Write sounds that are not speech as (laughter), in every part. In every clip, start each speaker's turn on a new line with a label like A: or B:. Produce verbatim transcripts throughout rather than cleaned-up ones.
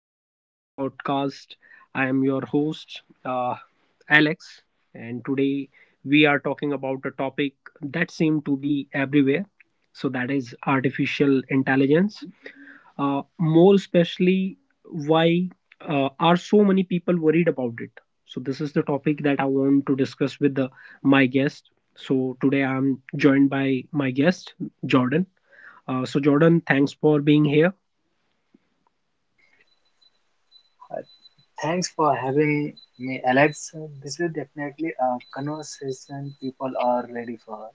A: Welcome to the podcast. I am your host, uh, Alex, and today we are talking about a topic that seems to be everywhere. So, that is artificial intelligence. Uh, more especially, why uh, are so many people worried about it? So, this is the topic that I want to discuss with the, my guest. So, today I'm joined by my guest, Jordan. Uh, so, Jordan, thanks for being here.
B: Uh, Thanks for having me, Alex. This is definitely a conversation people are ready for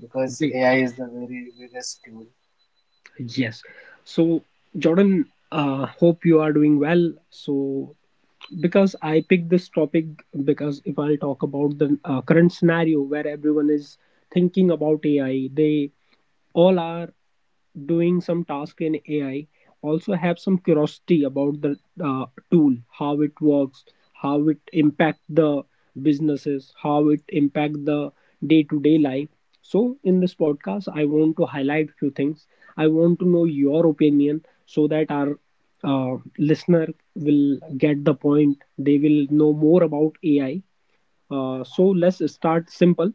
B: because A I is the very biggest tool.
A: Yes. So, Jordan, uh, hope you are doing well. So, because I picked this topic, because if I'll talk about the uh, current scenario where everyone is thinking about A I, they all are doing some task in A I, also have some curiosity about the uh, tool, how it works, how it impact the businesses, how it impact the day-to-day life. So in this podcast, I want to highlight few things. I want to know your opinion so that our uh, listener will get the point. They will know more about A I. Uh, so let's start simple.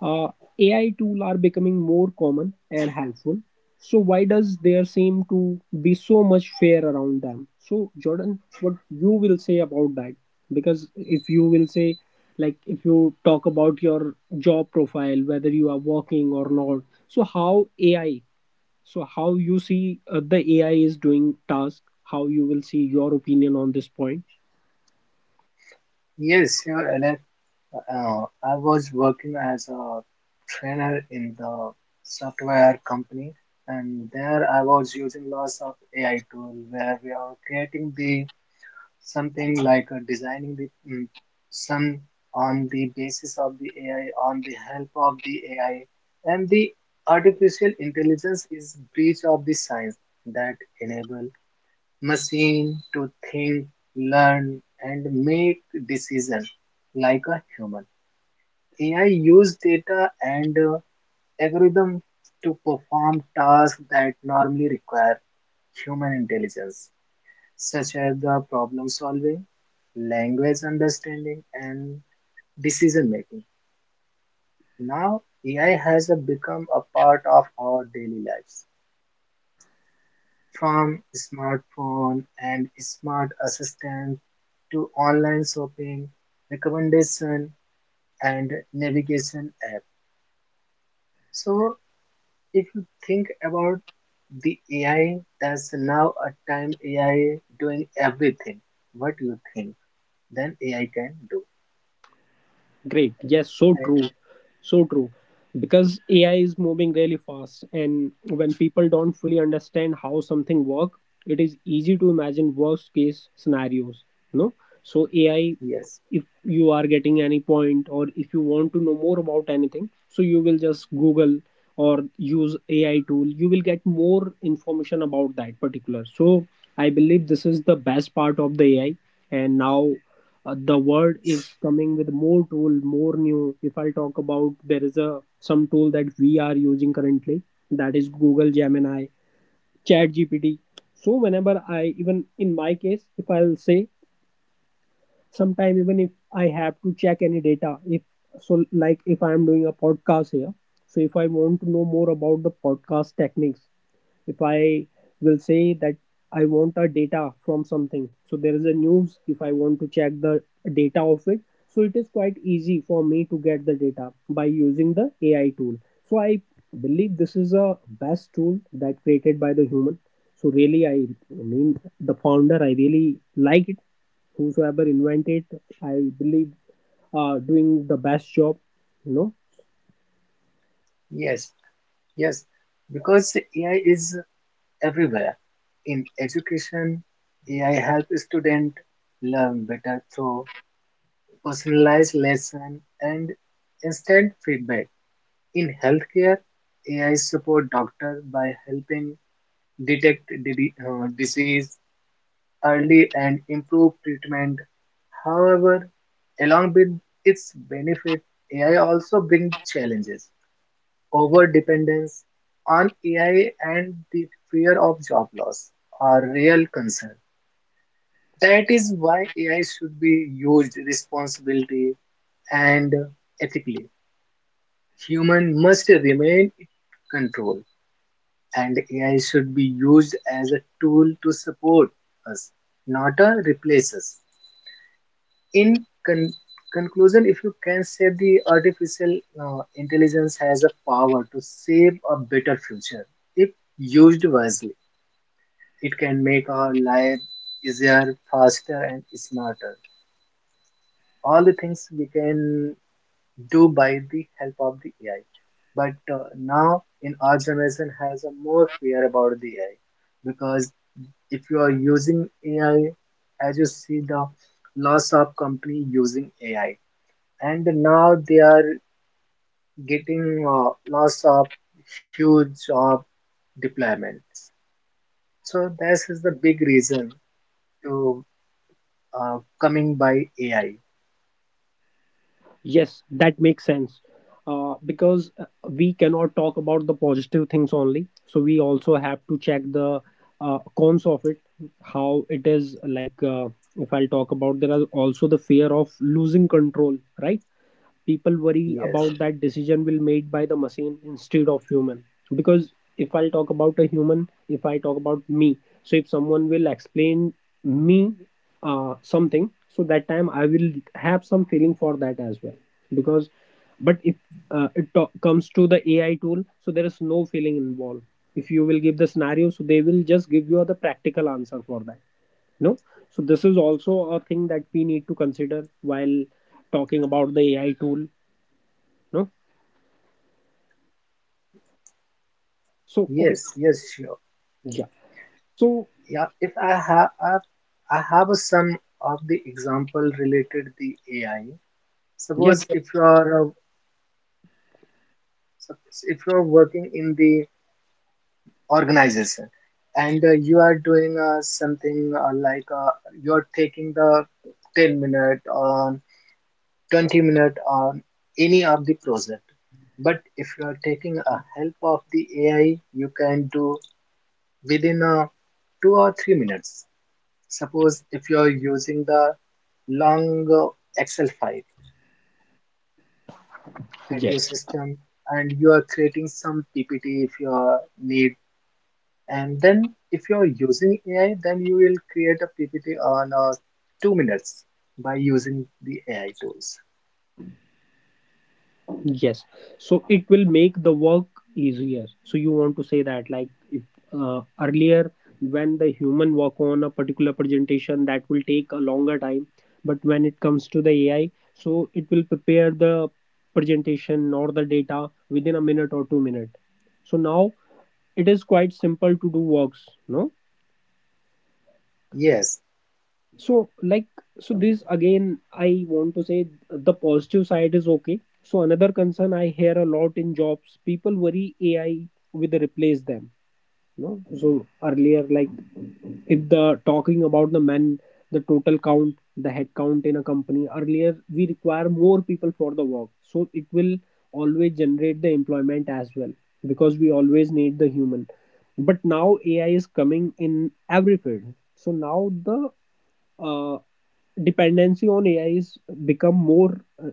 A: Uh, A I tools are becoming more common and helpful. So why does there seem to be so much fear around them? So Jordan, what you will say about that? Because if you will say, like if you talk about your job profile, whether you are working or not, so how A I, so how you see uh, the A I is doing task, how you will see your opinion on this point?
B: Yes, sure, Alex. Uh, I was working as a trainer in the software company, and there I was using lots of A I tool where we are creating the Something like uh, designing the um, some on the basis of the A I, on the help of the A I, and the artificial intelligence is breach of the science that enable machine to think, learn, and make decision like a human. A I use data and uh, algorithm to perform tasks that normally require human intelligence such as the problem solving, language understanding, and decision making. Now, A I has become a part of our daily lives, from smartphone and smart assistant to online shopping, recommendation, and navigation app. So, if you think about the A I, that's now a time A I doing everything. What you think? Then A I can do.
A: Great. Yes, so
B: And
A: true. So true. Because A I is moving really fast, and when people don't fully understand how something work, it is easy to imagine worst case scenarios. No, so A I,
B: yes.
A: if you are getting any point or if you want to know more about anything, so you will just Google or use A I tool. You will get more information about that particular. So I believe this is the best part of the A I, and now uh, the world is coming with more tool, more new. If I'll talk about, there is a some tool that we are using currently, that is Google Gemini, Chat GPT. So whenever I, even in my case, if I'll say sometime, even if I have to check any data, if, so like if I am doing a podcast here, so if I want to know more about the podcast techniques, if I will say that I want a data from something, so there is a news, if I want to check the data of it, so it is quite easy for me to get the data by using the A I tool. So I believe this is a best tool that created by the human. So really I mean the founder, I really like it, whosoever invented, I believe uh, doing the best job you know
B: Yes, yes, because A I is everywhere. In education, A I helps student learn better through personalized lesson and instant feedback. In healthcare, A I support doctor by helping detect di- uh, disease early and improve treatment. However, along with its benefit, A I also brings challenges. Over-dependence on A I and the fear of job loss are real concerns. That is why A I should be used responsibly and ethically. Human must remain in control, and A I should be used as a tool to support us, not a replace us. In con- conclusion, if you can say the artificial uh, intelligence has a power to save a better future if used wisely. It can make our life easier, faster, and smarter. All the things we can do by the help of the A I. But uh, now, in our generation, has a more fear about the A I because if you are using A I, as you see the lots of company using A I, and now they are getting uh, lots of huge job deployments. So this is the big reason to uh, coming by A I.
A: Yes, that makes sense. Uh, because uh, we cannot talk about the positive things only. So we also have to check the uh, cons of it, how it is like. Uh, if I'll talk about, there are also the fear of losing control, right? People worry
B: Yes,
A: about that decision will made by the machine instead of human. Because if I'll talk about a human, if I talk about me, so if someone will explain me uh, something, so that time I will have some feeling for that as well. Because but if uh, it to- comes to the A I tool, so there is no feeling involved. If you will give the scenario, so they will just give you the practical answer for that. No, so this is also a thing that we need to consider while talking about the A I tool. No, so okay.
B: yes, yes, sure.
A: Yeah. So
B: Yeah, if I have, I have I have a some of the example related the A I.
A: yes,
B: Suppose if you are a- sup- if you are working in the organization and uh, you are doing uh, something uh, like uh, you are taking the ten minute or twenty minute on any of the project. But if you are taking a help of the A I, you can do within uh, two or three minutes. Suppose if you're using the long uh, Excel file at your
A: yes,
B: system and you are creating some P P T if you are need, and then if you are using A I, then you will create a P P T on uh, two minutes by using the A I tools.
A: yes, so it will make the work easier. So you want to say that, like if, uh, earlier when the human work on a particular presentation, that will take a longer time. But when it comes to the A I, so it will prepare the presentation or the data within a minute or two minutes. So now it is quite simple to do works. No,
B: Yes,
A: so like, so this again I want to say the positive side is okay. So another concern I hear a lot in jobs, people worry A I will replace them. No, so earlier like, if the talking about the men, the total count, the head count in a company, earlier we require more people for the work, so it will always generate the employment as well, because we always need the human. But now A I is coming in every field. So now the uh, dependency on A I is become more uh,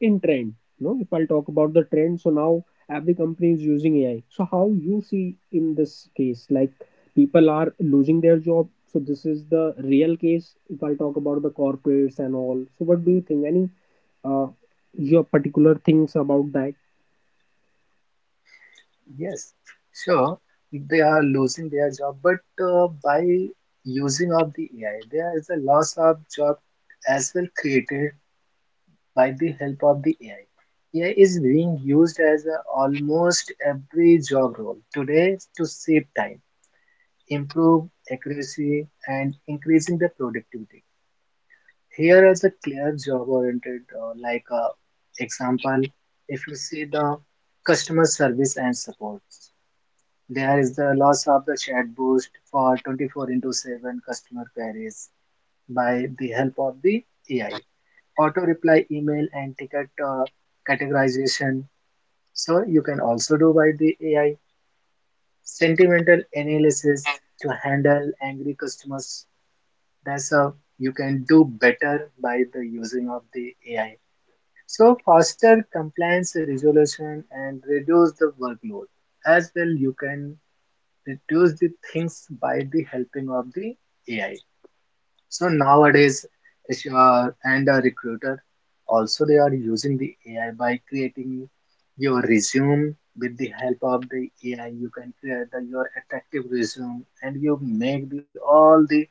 A: in trend. You know, if I'll talk about the trend, so now every company is using A I. So how you see in this case, like people are losing their job. So this is the real case. If I'll talk about the corporates and all, so what do you think? Any uh, your particular things about that?
B: yes, sure. They are losing their job, but uh, by using of the A I, there is a loss of job as well created by the help of the A I. A I is being used as a, almost every job role today to save time, improve accuracy, and increasing the productivity. Here is a clear job-oriented, uh, like uh, example, if you see the customer service and support, there is the loss of the chat boost for twenty-four into seven customer queries by the help of the A I. Auto reply email and ticket uh, categorization. So you can also do by the A I sentimental analysis to handle angry customers. That's how you can do better by the using of the A I. So faster compliance resolution and reduce the workload. As well, you can reduce the things by the helping of the A I. So nowadays, if you are and a recruiter also they are using the A I by creating your resume with the help of the A I. You can create the, your attractive resume and you make the, all the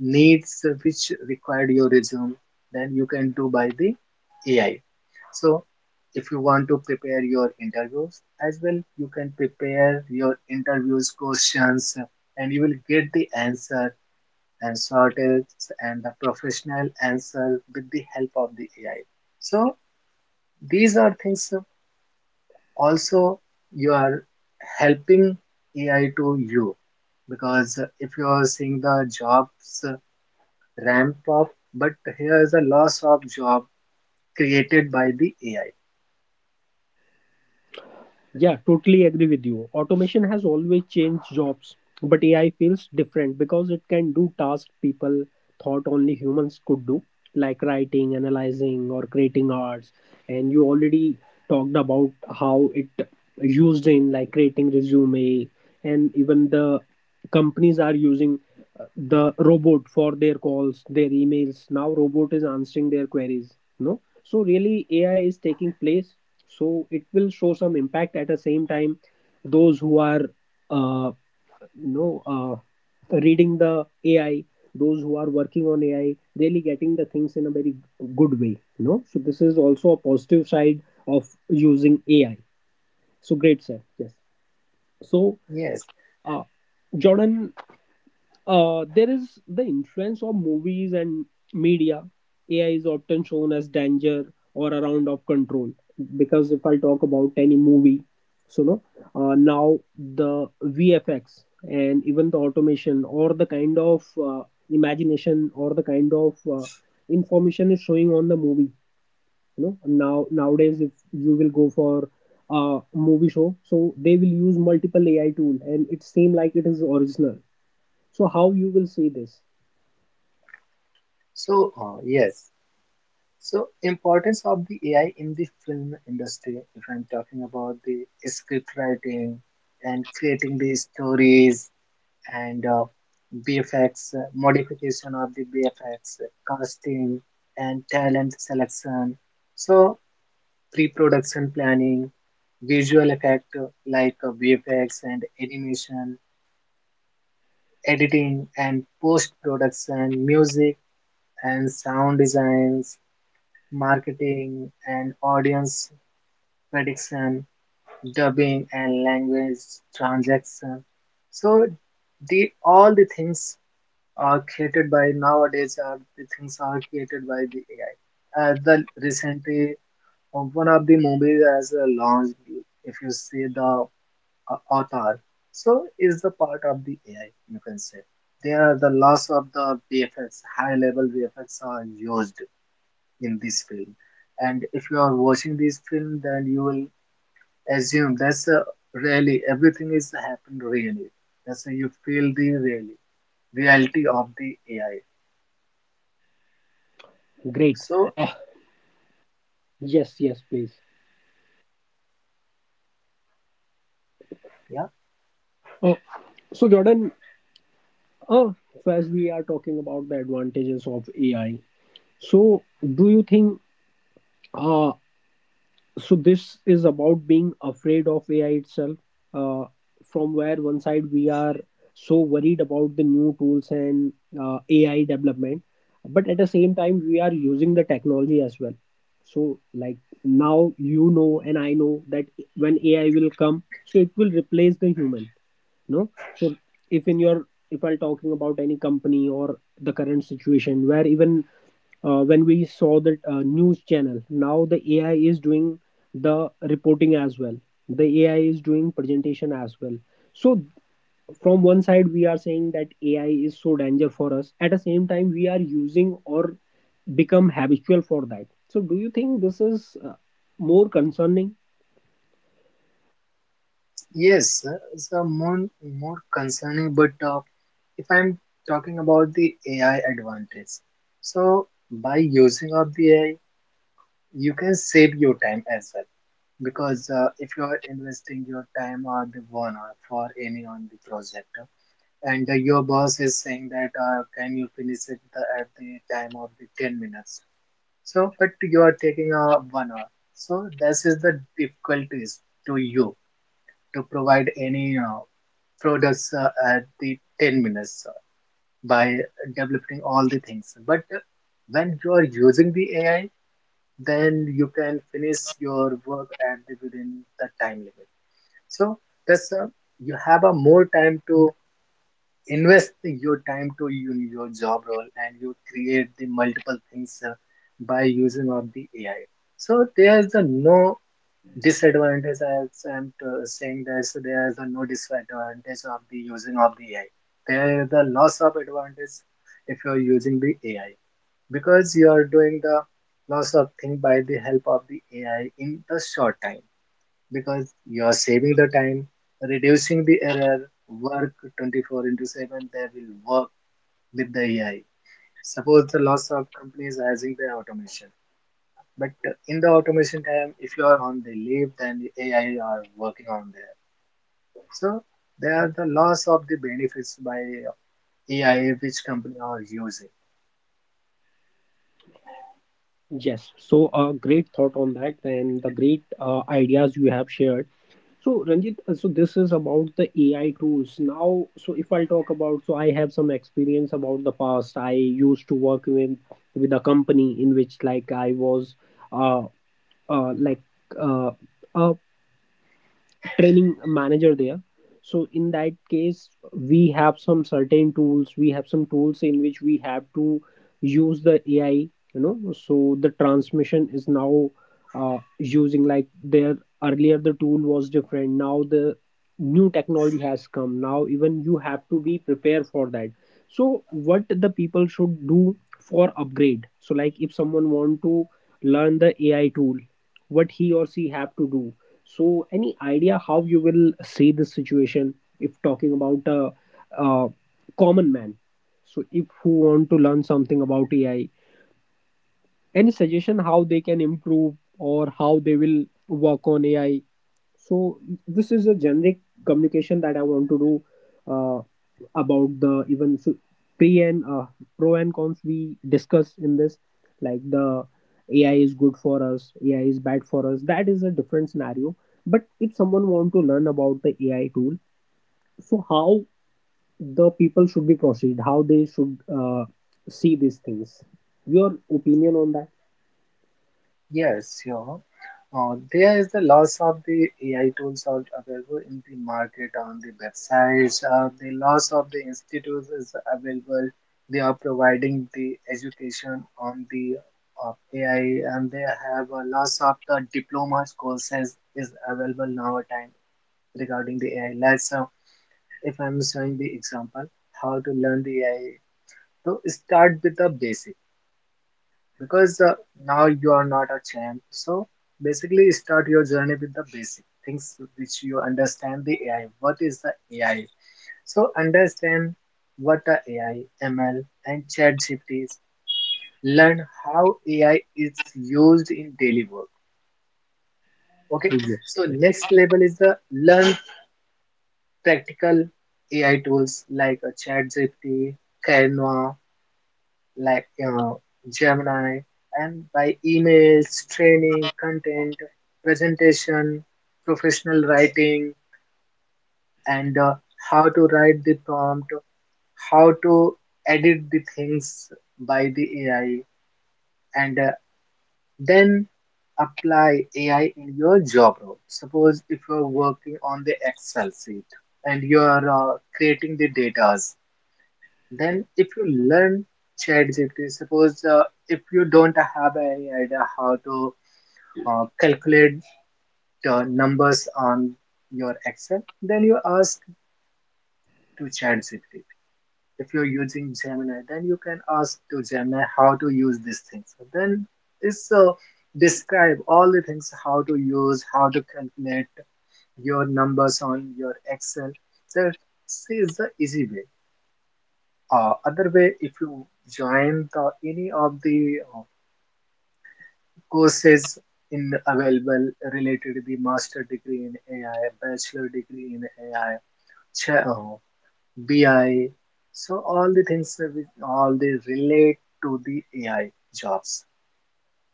B: needs which required your resume. Then you can do by the A I. So if you want to prepare your interviews as well, you can prepare your interviews questions and you will get the answer and sort it and the professional answer with the help of the A I. So these are things also you are helping A I to you because if you are seeing the jobs ramp up, but here is a loss of job created by the A I.
A: Yeah, totally agree with you. Automation has always changed jobs, but A I feels different because it can do tasks people thought only humans could do, like writing, analyzing, or creating arts. And you already talked about how it used in like creating resume, and even the companies are using uh, the robot for their calls, their emails. Now robot is answering their queries. No, so really A I is taking place, so it will show some impact. At the same time, those who are uh, you know uh, reading the A I, those who are working on A I, really getting the things in a very good way you know so this is also a positive side of using A I. So great, sir. Yes. So
B: Yes.
A: uh, Jordan, uh, there is the influence of movies and media. A I is often shown as danger or around of control, because if I talk about any movie, so no, uh, now the V F X and even the automation or the kind of uh, imagination or the kind of uh, information is showing on the movie. You know now nowadays if you will go for a movie show, so they will use multiple A I tool and it seem like it is original. So how you will see this?
B: So uh, yes. So importance of the A I in the film industry. If I'm talking about the script writing and creating the stories and uh, B F X uh, modification of the B F X, casting and talent selection. So pre-production planning, visual effect uh, like uh, V F X and animation, editing and post-production, music and sound designs, marketing and audience prediction, dubbing and language transaction. So the all the things are created by nowadays are the things are created by the A I. Uh, the recently uh, one of the movies has uh, launched. If you see the uh, Avatar, so is the part of the A I. You can say there are the loss of the V F X. High level V F X are used in this film, and if you are watching this film, then you will assume that's uh, really everything is happened really. That's uh, You feel the really reality of the A I.
A: Great.
B: So
A: Ah, yes, yes, please.
B: Yeah.
A: Uh, so Jordan, uh, so as we are talking about the advantages of A I, so do you think uh, so this is about being afraid of A I itself. uh, from where one side we are so worried about the new tools and uh, A I development, but at the same time we are using the technology as well. So like now, you know and I know that when A I will come, so it will replace the human. No, so if in your if I'm talking about any company or the current situation where even uh, when we saw the uh, news channel, now the A I is doing the reporting as well, the A I is doing presentation as well. So from one side we are saying that A I is so danger for us, at the same time we are using or become habitual for that. So do you think this is uh, more concerning?
B: Yes, uh, it's a more more concerning. But uh, if I'm talking about the A I advantage, so by using of the A I, you can save your time as well. Because uh, if you are investing your time or the one hour for any on the project, uh, and uh, your boss is saying that uh, can you finish it the, at the time of the ten minutes? So, but you are taking uh, one hour. So this is the difficulties to you to provide any uh, products uh, at the ten minutes uh, by developing all the things. But uh, when you are using the A I, then you can finish your work at the, within the time limit. So that's uh, you have a more time to invest your time to you, your job role and you create the multiple things uh, by using of the A I. So there's a no Disadvantage, as I'm uh, saying, that there's a no disadvantage of the using of the A I. There is the loss of advantage if you're using the A I because you are doing the loss of thing by the help of the A I in the short time because you are saving the time, reducing the error, work twenty-four into seven. They will work with the A I. Suppose the loss of companies are using the automation but in the automation time, if you are on the leave, then the A I are working on there. So there are the loss of the benefits by A I which company are using.
A: Yes, so a great thought on that and the great uh, ideas you have shared. So Ranjit, uh, so this is about the A I tools. Now, so if I'll talk about, so I have some experience about the past. I used to work with with a company in which like I was, uh, uh like uh, a training manager there. So in that case we have some certain tools, we have some tools in which we have to use the A I. You know, so the transmission is now uh, using, like there earlier the tool was different, now the new technology has come, now even you have to be prepared for that. So what the people should do for upgrade? So like if someone want to learn the A I tool, what he or she have to do? So any idea how you will see this situation, if talking about a, a common man, so if who want to learn something about A I, any suggestion how they can improve or how they will work on A I? So this is a generic communication that I want to do uh, about the even so pre and uh, pro and cons we discuss in this, like the A I is good for us, A I is bad for us. That is a different scenario. But if someone want to learn about the A I tool, so how the people should be proceed, how they should uh, see these things. Your opinion on that?
B: Yes, you know, uh, there is the loss of the A I tools are available in the market on the websites. Uh, the loss of the institutes is available. They are providing the education on the of A I, and they have a loss of the diplomas courses is available now time regarding the A I. Let's uh, If I'm showing the example how to learn the A I. So start with the basic because uh, now you are not a champ. So basically start your journey with the basic things which you understand the A I. What is the A I? So understand what the A I, M L, and ChatGPT is. Learn how A I is used in daily work. Okay. So
A: Yes.
B: next level is the learn practical A I tools like uh, ChatGPT, Canva, like uh, Gemini, and by emails, training, content, presentation, professional writing, and uh, how to write the prompt, how to edit the things by the A I, and uh, then apply A I in your job role. Suppose if you're working on the Excel sheet and you're uh, creating the data. Then if you learn ChatGPT, suppose uh, if you don't have any idea how to uh, calculate the numbers on your Excel, then you ask to ChatGPT. If you're using Gemini, then you can ask to Gemini how to use these things. So then it's uh, describe all the things how to use, how to calculate your numbers on your Excel. That is the easy way uh, other way if you join the any of the uh, courses in available related the master degree in A I, bachelor degree in A I, cha- oh, B I. So all the things all they relate to the A I jobs.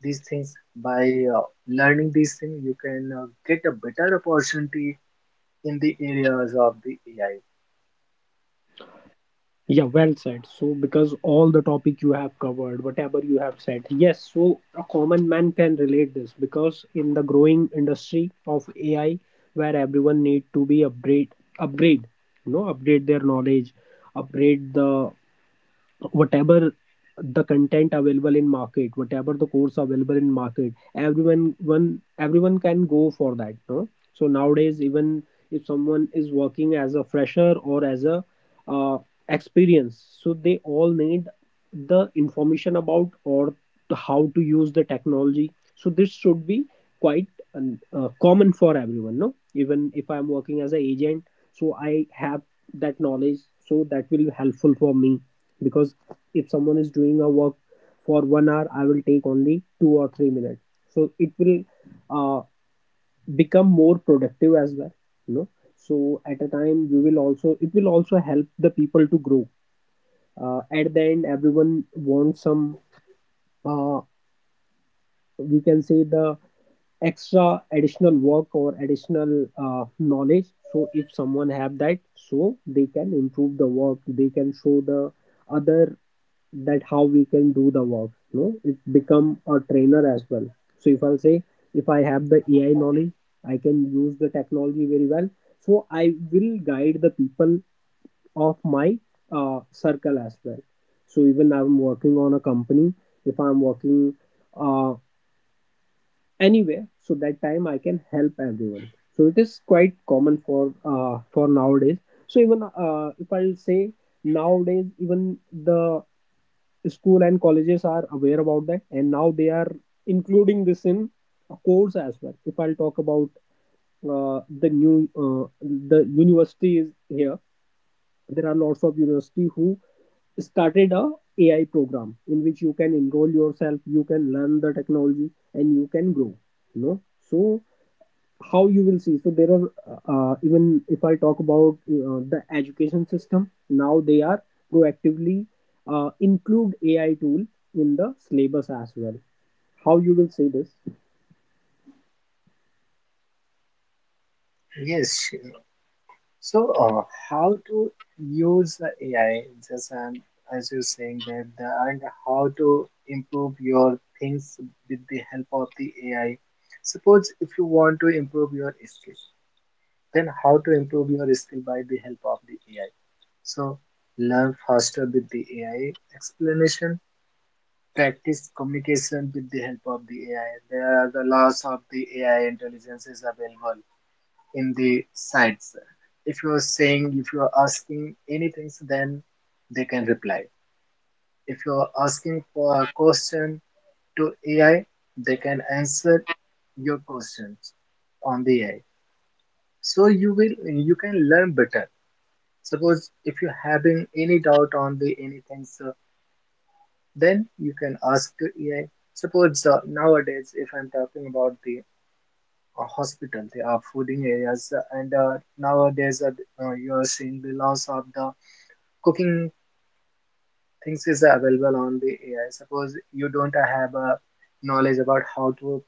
B: These things by uh, learning these things, you can uh, get a better opportunity in the areas of the A I.
A: Yeah, well said. So, because all the topic you have covered, whatever you have said, yes, so a common man can relate this because in the growing industry of A I, where everyone need to be upgrade, upgrade, you know, upgrade their knowledge, upgrade the whatever the content available in market, whatever the course available in market, everyone, one, everyone can go for that. No? So nowadays, even if someone is working as a fresher or as a uh, experience, so they all need the information about, or the how to use the technology. So this should be quite um, uh, common for everyone, no? Even if I'm working as an agent, so I have that knowledge, so that will be helpful for me. Because if someone is doing a work for one hour, I will take only two or three minutes. So it will uh, become more productive as well, you know so at a time you will also, it will also help the people to grow. Uh, at the end, everyone wants some uh, we can say the extra additional work or additional uh, knowledge. So if someone have that, so they can improve the work, they can show the other that how we can do the work, no? It become a trainer as well. So if I'll say, if I have the A I knowledge, I can use the technology very well, so I will guide the people of my uh, circle as well. So even I'm working on a company, if I'm working uh, anywhere, so that time I can help everyone. So it is quite common for uh, for nowadays. So even, uh, if I'll say, nowadays even the school and colleges are aware about that, and now they are including this in a course as well. If I'll talk about uh, the new uh, the university is here, there are lots of university who started a AI program in which you can enroll yourself, you can learn the technology, and you can grow, you know. So how you will see? So there are uh, even if I talk about uh, the education system, now they are proactively uh, include A I tool in the syllabus as well. How you will say this?
B: Yes, so, uh, how to use the A I, just um, as you're saying that, the, and how to improve your things with the help of the A I. Suppose if you want to improve your skill, then how to improve your skill by the help of the A I. So, learn faster with the A I. Explanation, practice communication with the help of the A I. There are the lots of the A I intelligences available in the sites. If you are saying, if you are asking anything, so then they can reply. If you are asking for a question to A I, they can answer your questions on the A I. So you will you can learn better. Suppose if you're having any doubt on the anything, so then you can ask the A I. Suppose uh, nowadays, if I'm talking about the uh, hospital, they are flooding areas, uh, and uh, nowadays uh, uh, you are seeing the loss of the cooking things is available on the A I. Suppose you don't have a knowledge about how to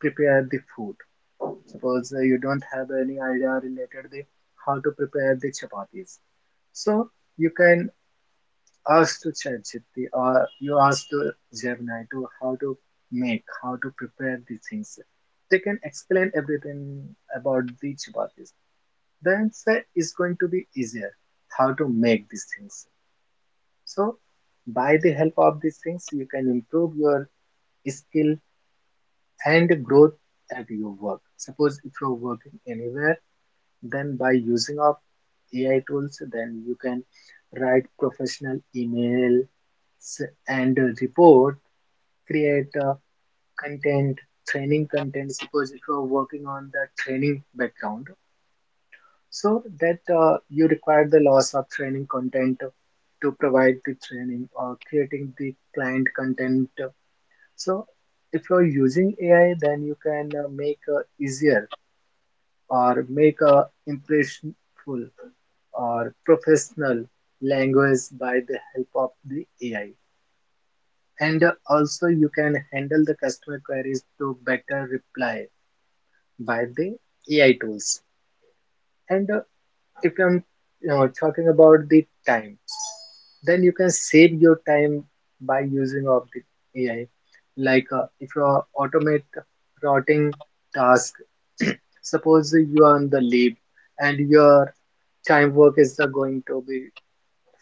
B: prepare the food. Suppose uh, you don't have any idea related the how to prepare the chapatis. So you can ask to ChatGPT or you ask to Gemini to how to make, how to prepare the things. They can explain everything about the chapatis. Then it's going to be easier how to make these things. So by the help of these things, you can improve your skill and growth at your work. Suppose if you're working anywhere, then by using of A I tools, then you can write professional emails and report, create uh, content, training content. Suppose if you're working on the training background, so that uh, you require the loss of training content to provide the training or creating the client content. So if you're using A I, then you can uh, make uh, easier or make a impressionful or professional language by the help of the A I. And uh, also you can handle the customer queries to better reply by the A I tools. And uh, if I'm you know, talking about the time, then you can save your time by using of the A I. Like uh, if you are automate routing task, (clears throat) suppose you are on the leave and your time work is the going to be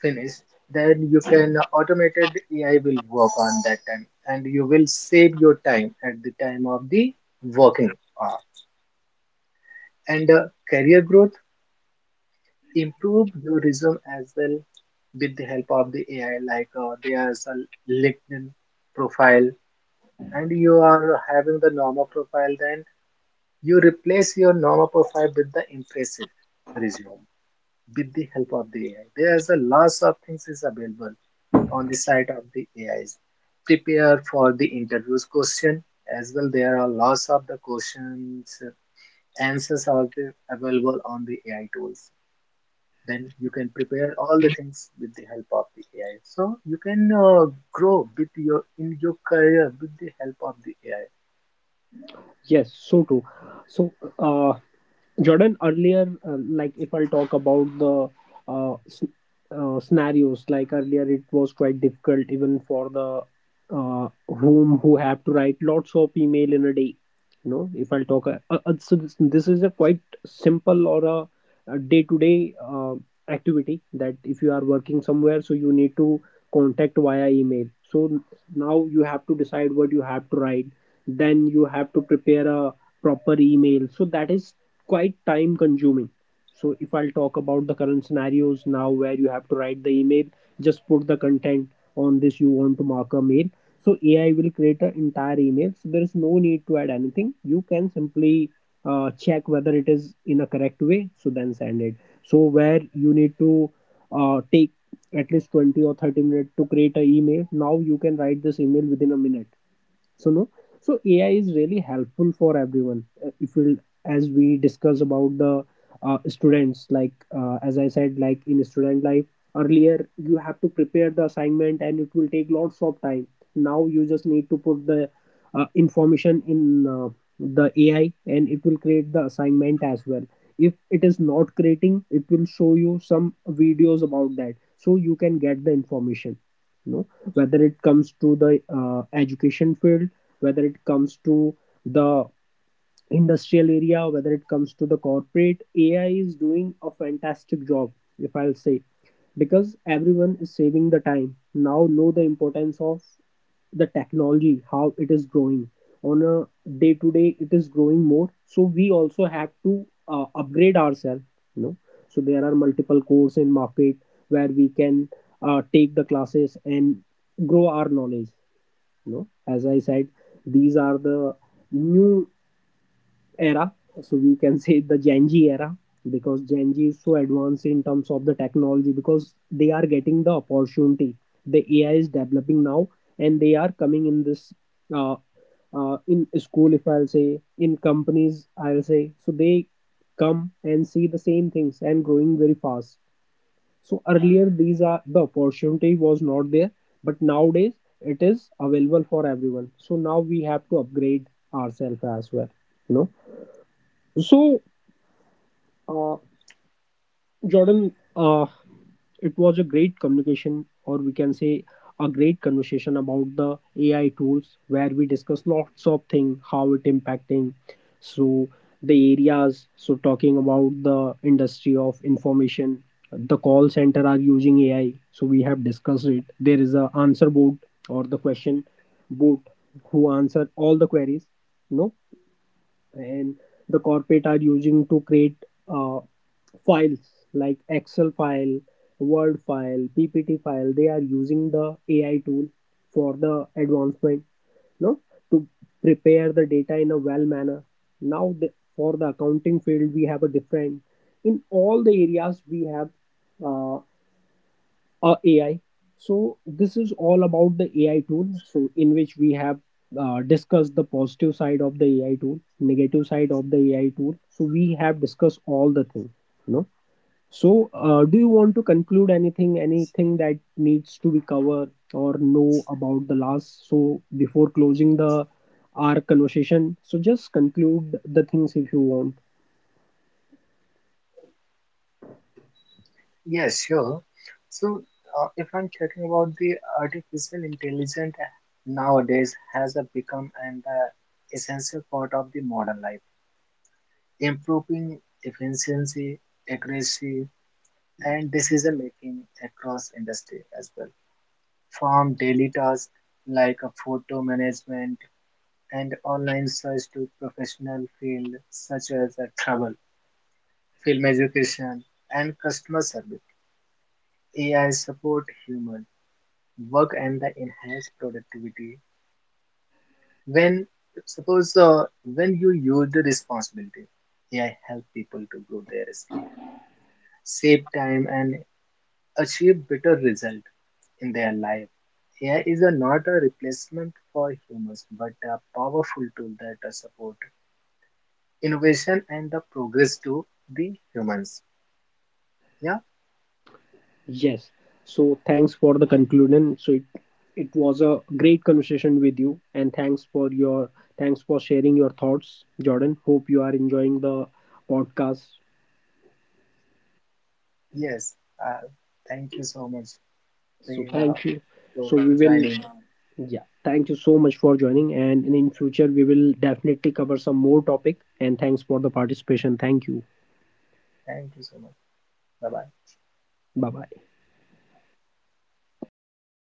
B: finished, then you can automated A I will work on that time and you will save your time at the time of the working hour. And uh, career growth improve your resume as well with the help of the A I. Like uh, there's a LinkedIn profile, and you are having the normal profile, then you replace your normal profile with the impressive resume with the help of the A I. There's a lots of things is available on the side of the A Is. Prepare for the interviews question as well. There are lots of the questions answers are the- available on the A I tools, then you can prepare all the things with the help of the A I. So you can uh, grow with your in your career with the help of the A I.
A: Yes, so true. So uh, Jordan, earlier, uh, like if I'll talk about the uh, s- uh, scenarios, like earlier, it was quite difficult even for the uh, whom who have to write lots of email in a day. You know, if I'll talk, uh, uh, so this, this is a quite simple or a day to day activity that if you are working somewhere, so you need to contact via email. So now you have to decide what you have to write, then you have to prepare a proper email, so that is quite time consuming. So if I'll talk about the current scenarios, now where you have to write the email, just put the content on this you want to mark a mail, so A I will create an entire email. So there is no need to add anything, you can simply uh, check whether it is in a correct way, so then send it. So where you need to uh, take at least twenty or thirty minutes to create an email, now you can write this email within a minute. So no, so AI is really helpful for everyone. Uh, if we, as we discuss about the uh, students, like uh, as I said, like in student life, earlier you have to prepare the assignment and it will take lots of time. Now you just need to put the uh, information in uh, the AI, and it will create the assignment as well. If it is not creating, it will show you some videos about that, so you can get the information. No, whether it comes to the uh, education field, whether it comes to the industrial area, whether it comes to the corporate, A I is doing a fantastic job, if I'll say, because everyone is saving the time. Now know the importance of the technology, how it is growing. On a day to day, it is growing more. So we also have to uh, upgrade ourselves. You know, so there are multiple courses in market where we can uh, take the classes and grow our knowledge. You know, as I said, these are the new era. So we can say the Gen Z era, because Gen Z is so advanced in terms of the technology, because they are getting the opportunity. The A I is developing now, and they are coming in this uh, uh, in school, if I'll say, in companies, I'll say. So they come and see the same things and growing very fast. So earlier, these are the opportunity was not there, but nowadays it is available for everyone. So now we have to upgrade ourselves as well. You know, so, uh, Jordan, uh, it was a great communication, or we can say a great conversation about the A I tools, where we discuss lots of things, how it impacting, so the areas. So talking about the industry of information, the call center are using A I. So we have discussed it. There is a answer board or the question board who answer all the queries. No, and the corporate are using to create uh, files like excel file, word file, ppt file, they are using the AI tool for the advancement, no, to prepare the data in a well manner. Now the, for the accounting field we have a different, in all the areas we have uh, uh, A I. So this is all about the A I tool. So in which we have uh, discussed the positive side of the A I tool, negative side of the A I tool. So we have discussed all the thing, you know. So uh, do you want to conclude anything? Anything that needs to be covered or know about the last? So before closing the our conversation, so just conclude the things if you want.
B: Yes, sure. So uh, if I'm talking about the artificial intelligence, uh, nowadays has uh, become an uh, essential part of the modern life, improving efficiency, accuracy, and decision making across industry as well. From daily tasks like uh, photo management and online search to professional fields such as uh, travel, film education, and customer service. A I support human work and the enhance productivity. When suppose uh, when you use the responsibility, A I help people to grow their skill, save time, and achieve better result in their life. A I is a, not a replacement for humans, but a powerful tool that uh, support innovation and the progress to the humans. Yeah,
A: Yes. So thanks for the conclusion. So it, it was a great conversation with you, and thanks for your, thanks for sharing your thoughts, Jordan. Hope you are enjoying the podcast.
B: yes. Uh, thank you so much,
A: So
B: Prerna,
A: thank you. So
B: for
A: we will,
B: joining me.
A: yeah, thank you so much for joining, and in future we will definitely cover some more topic, and thanks for the participation. Thank you.
B: Thank you so much. Bye bye.
A: Bye bye.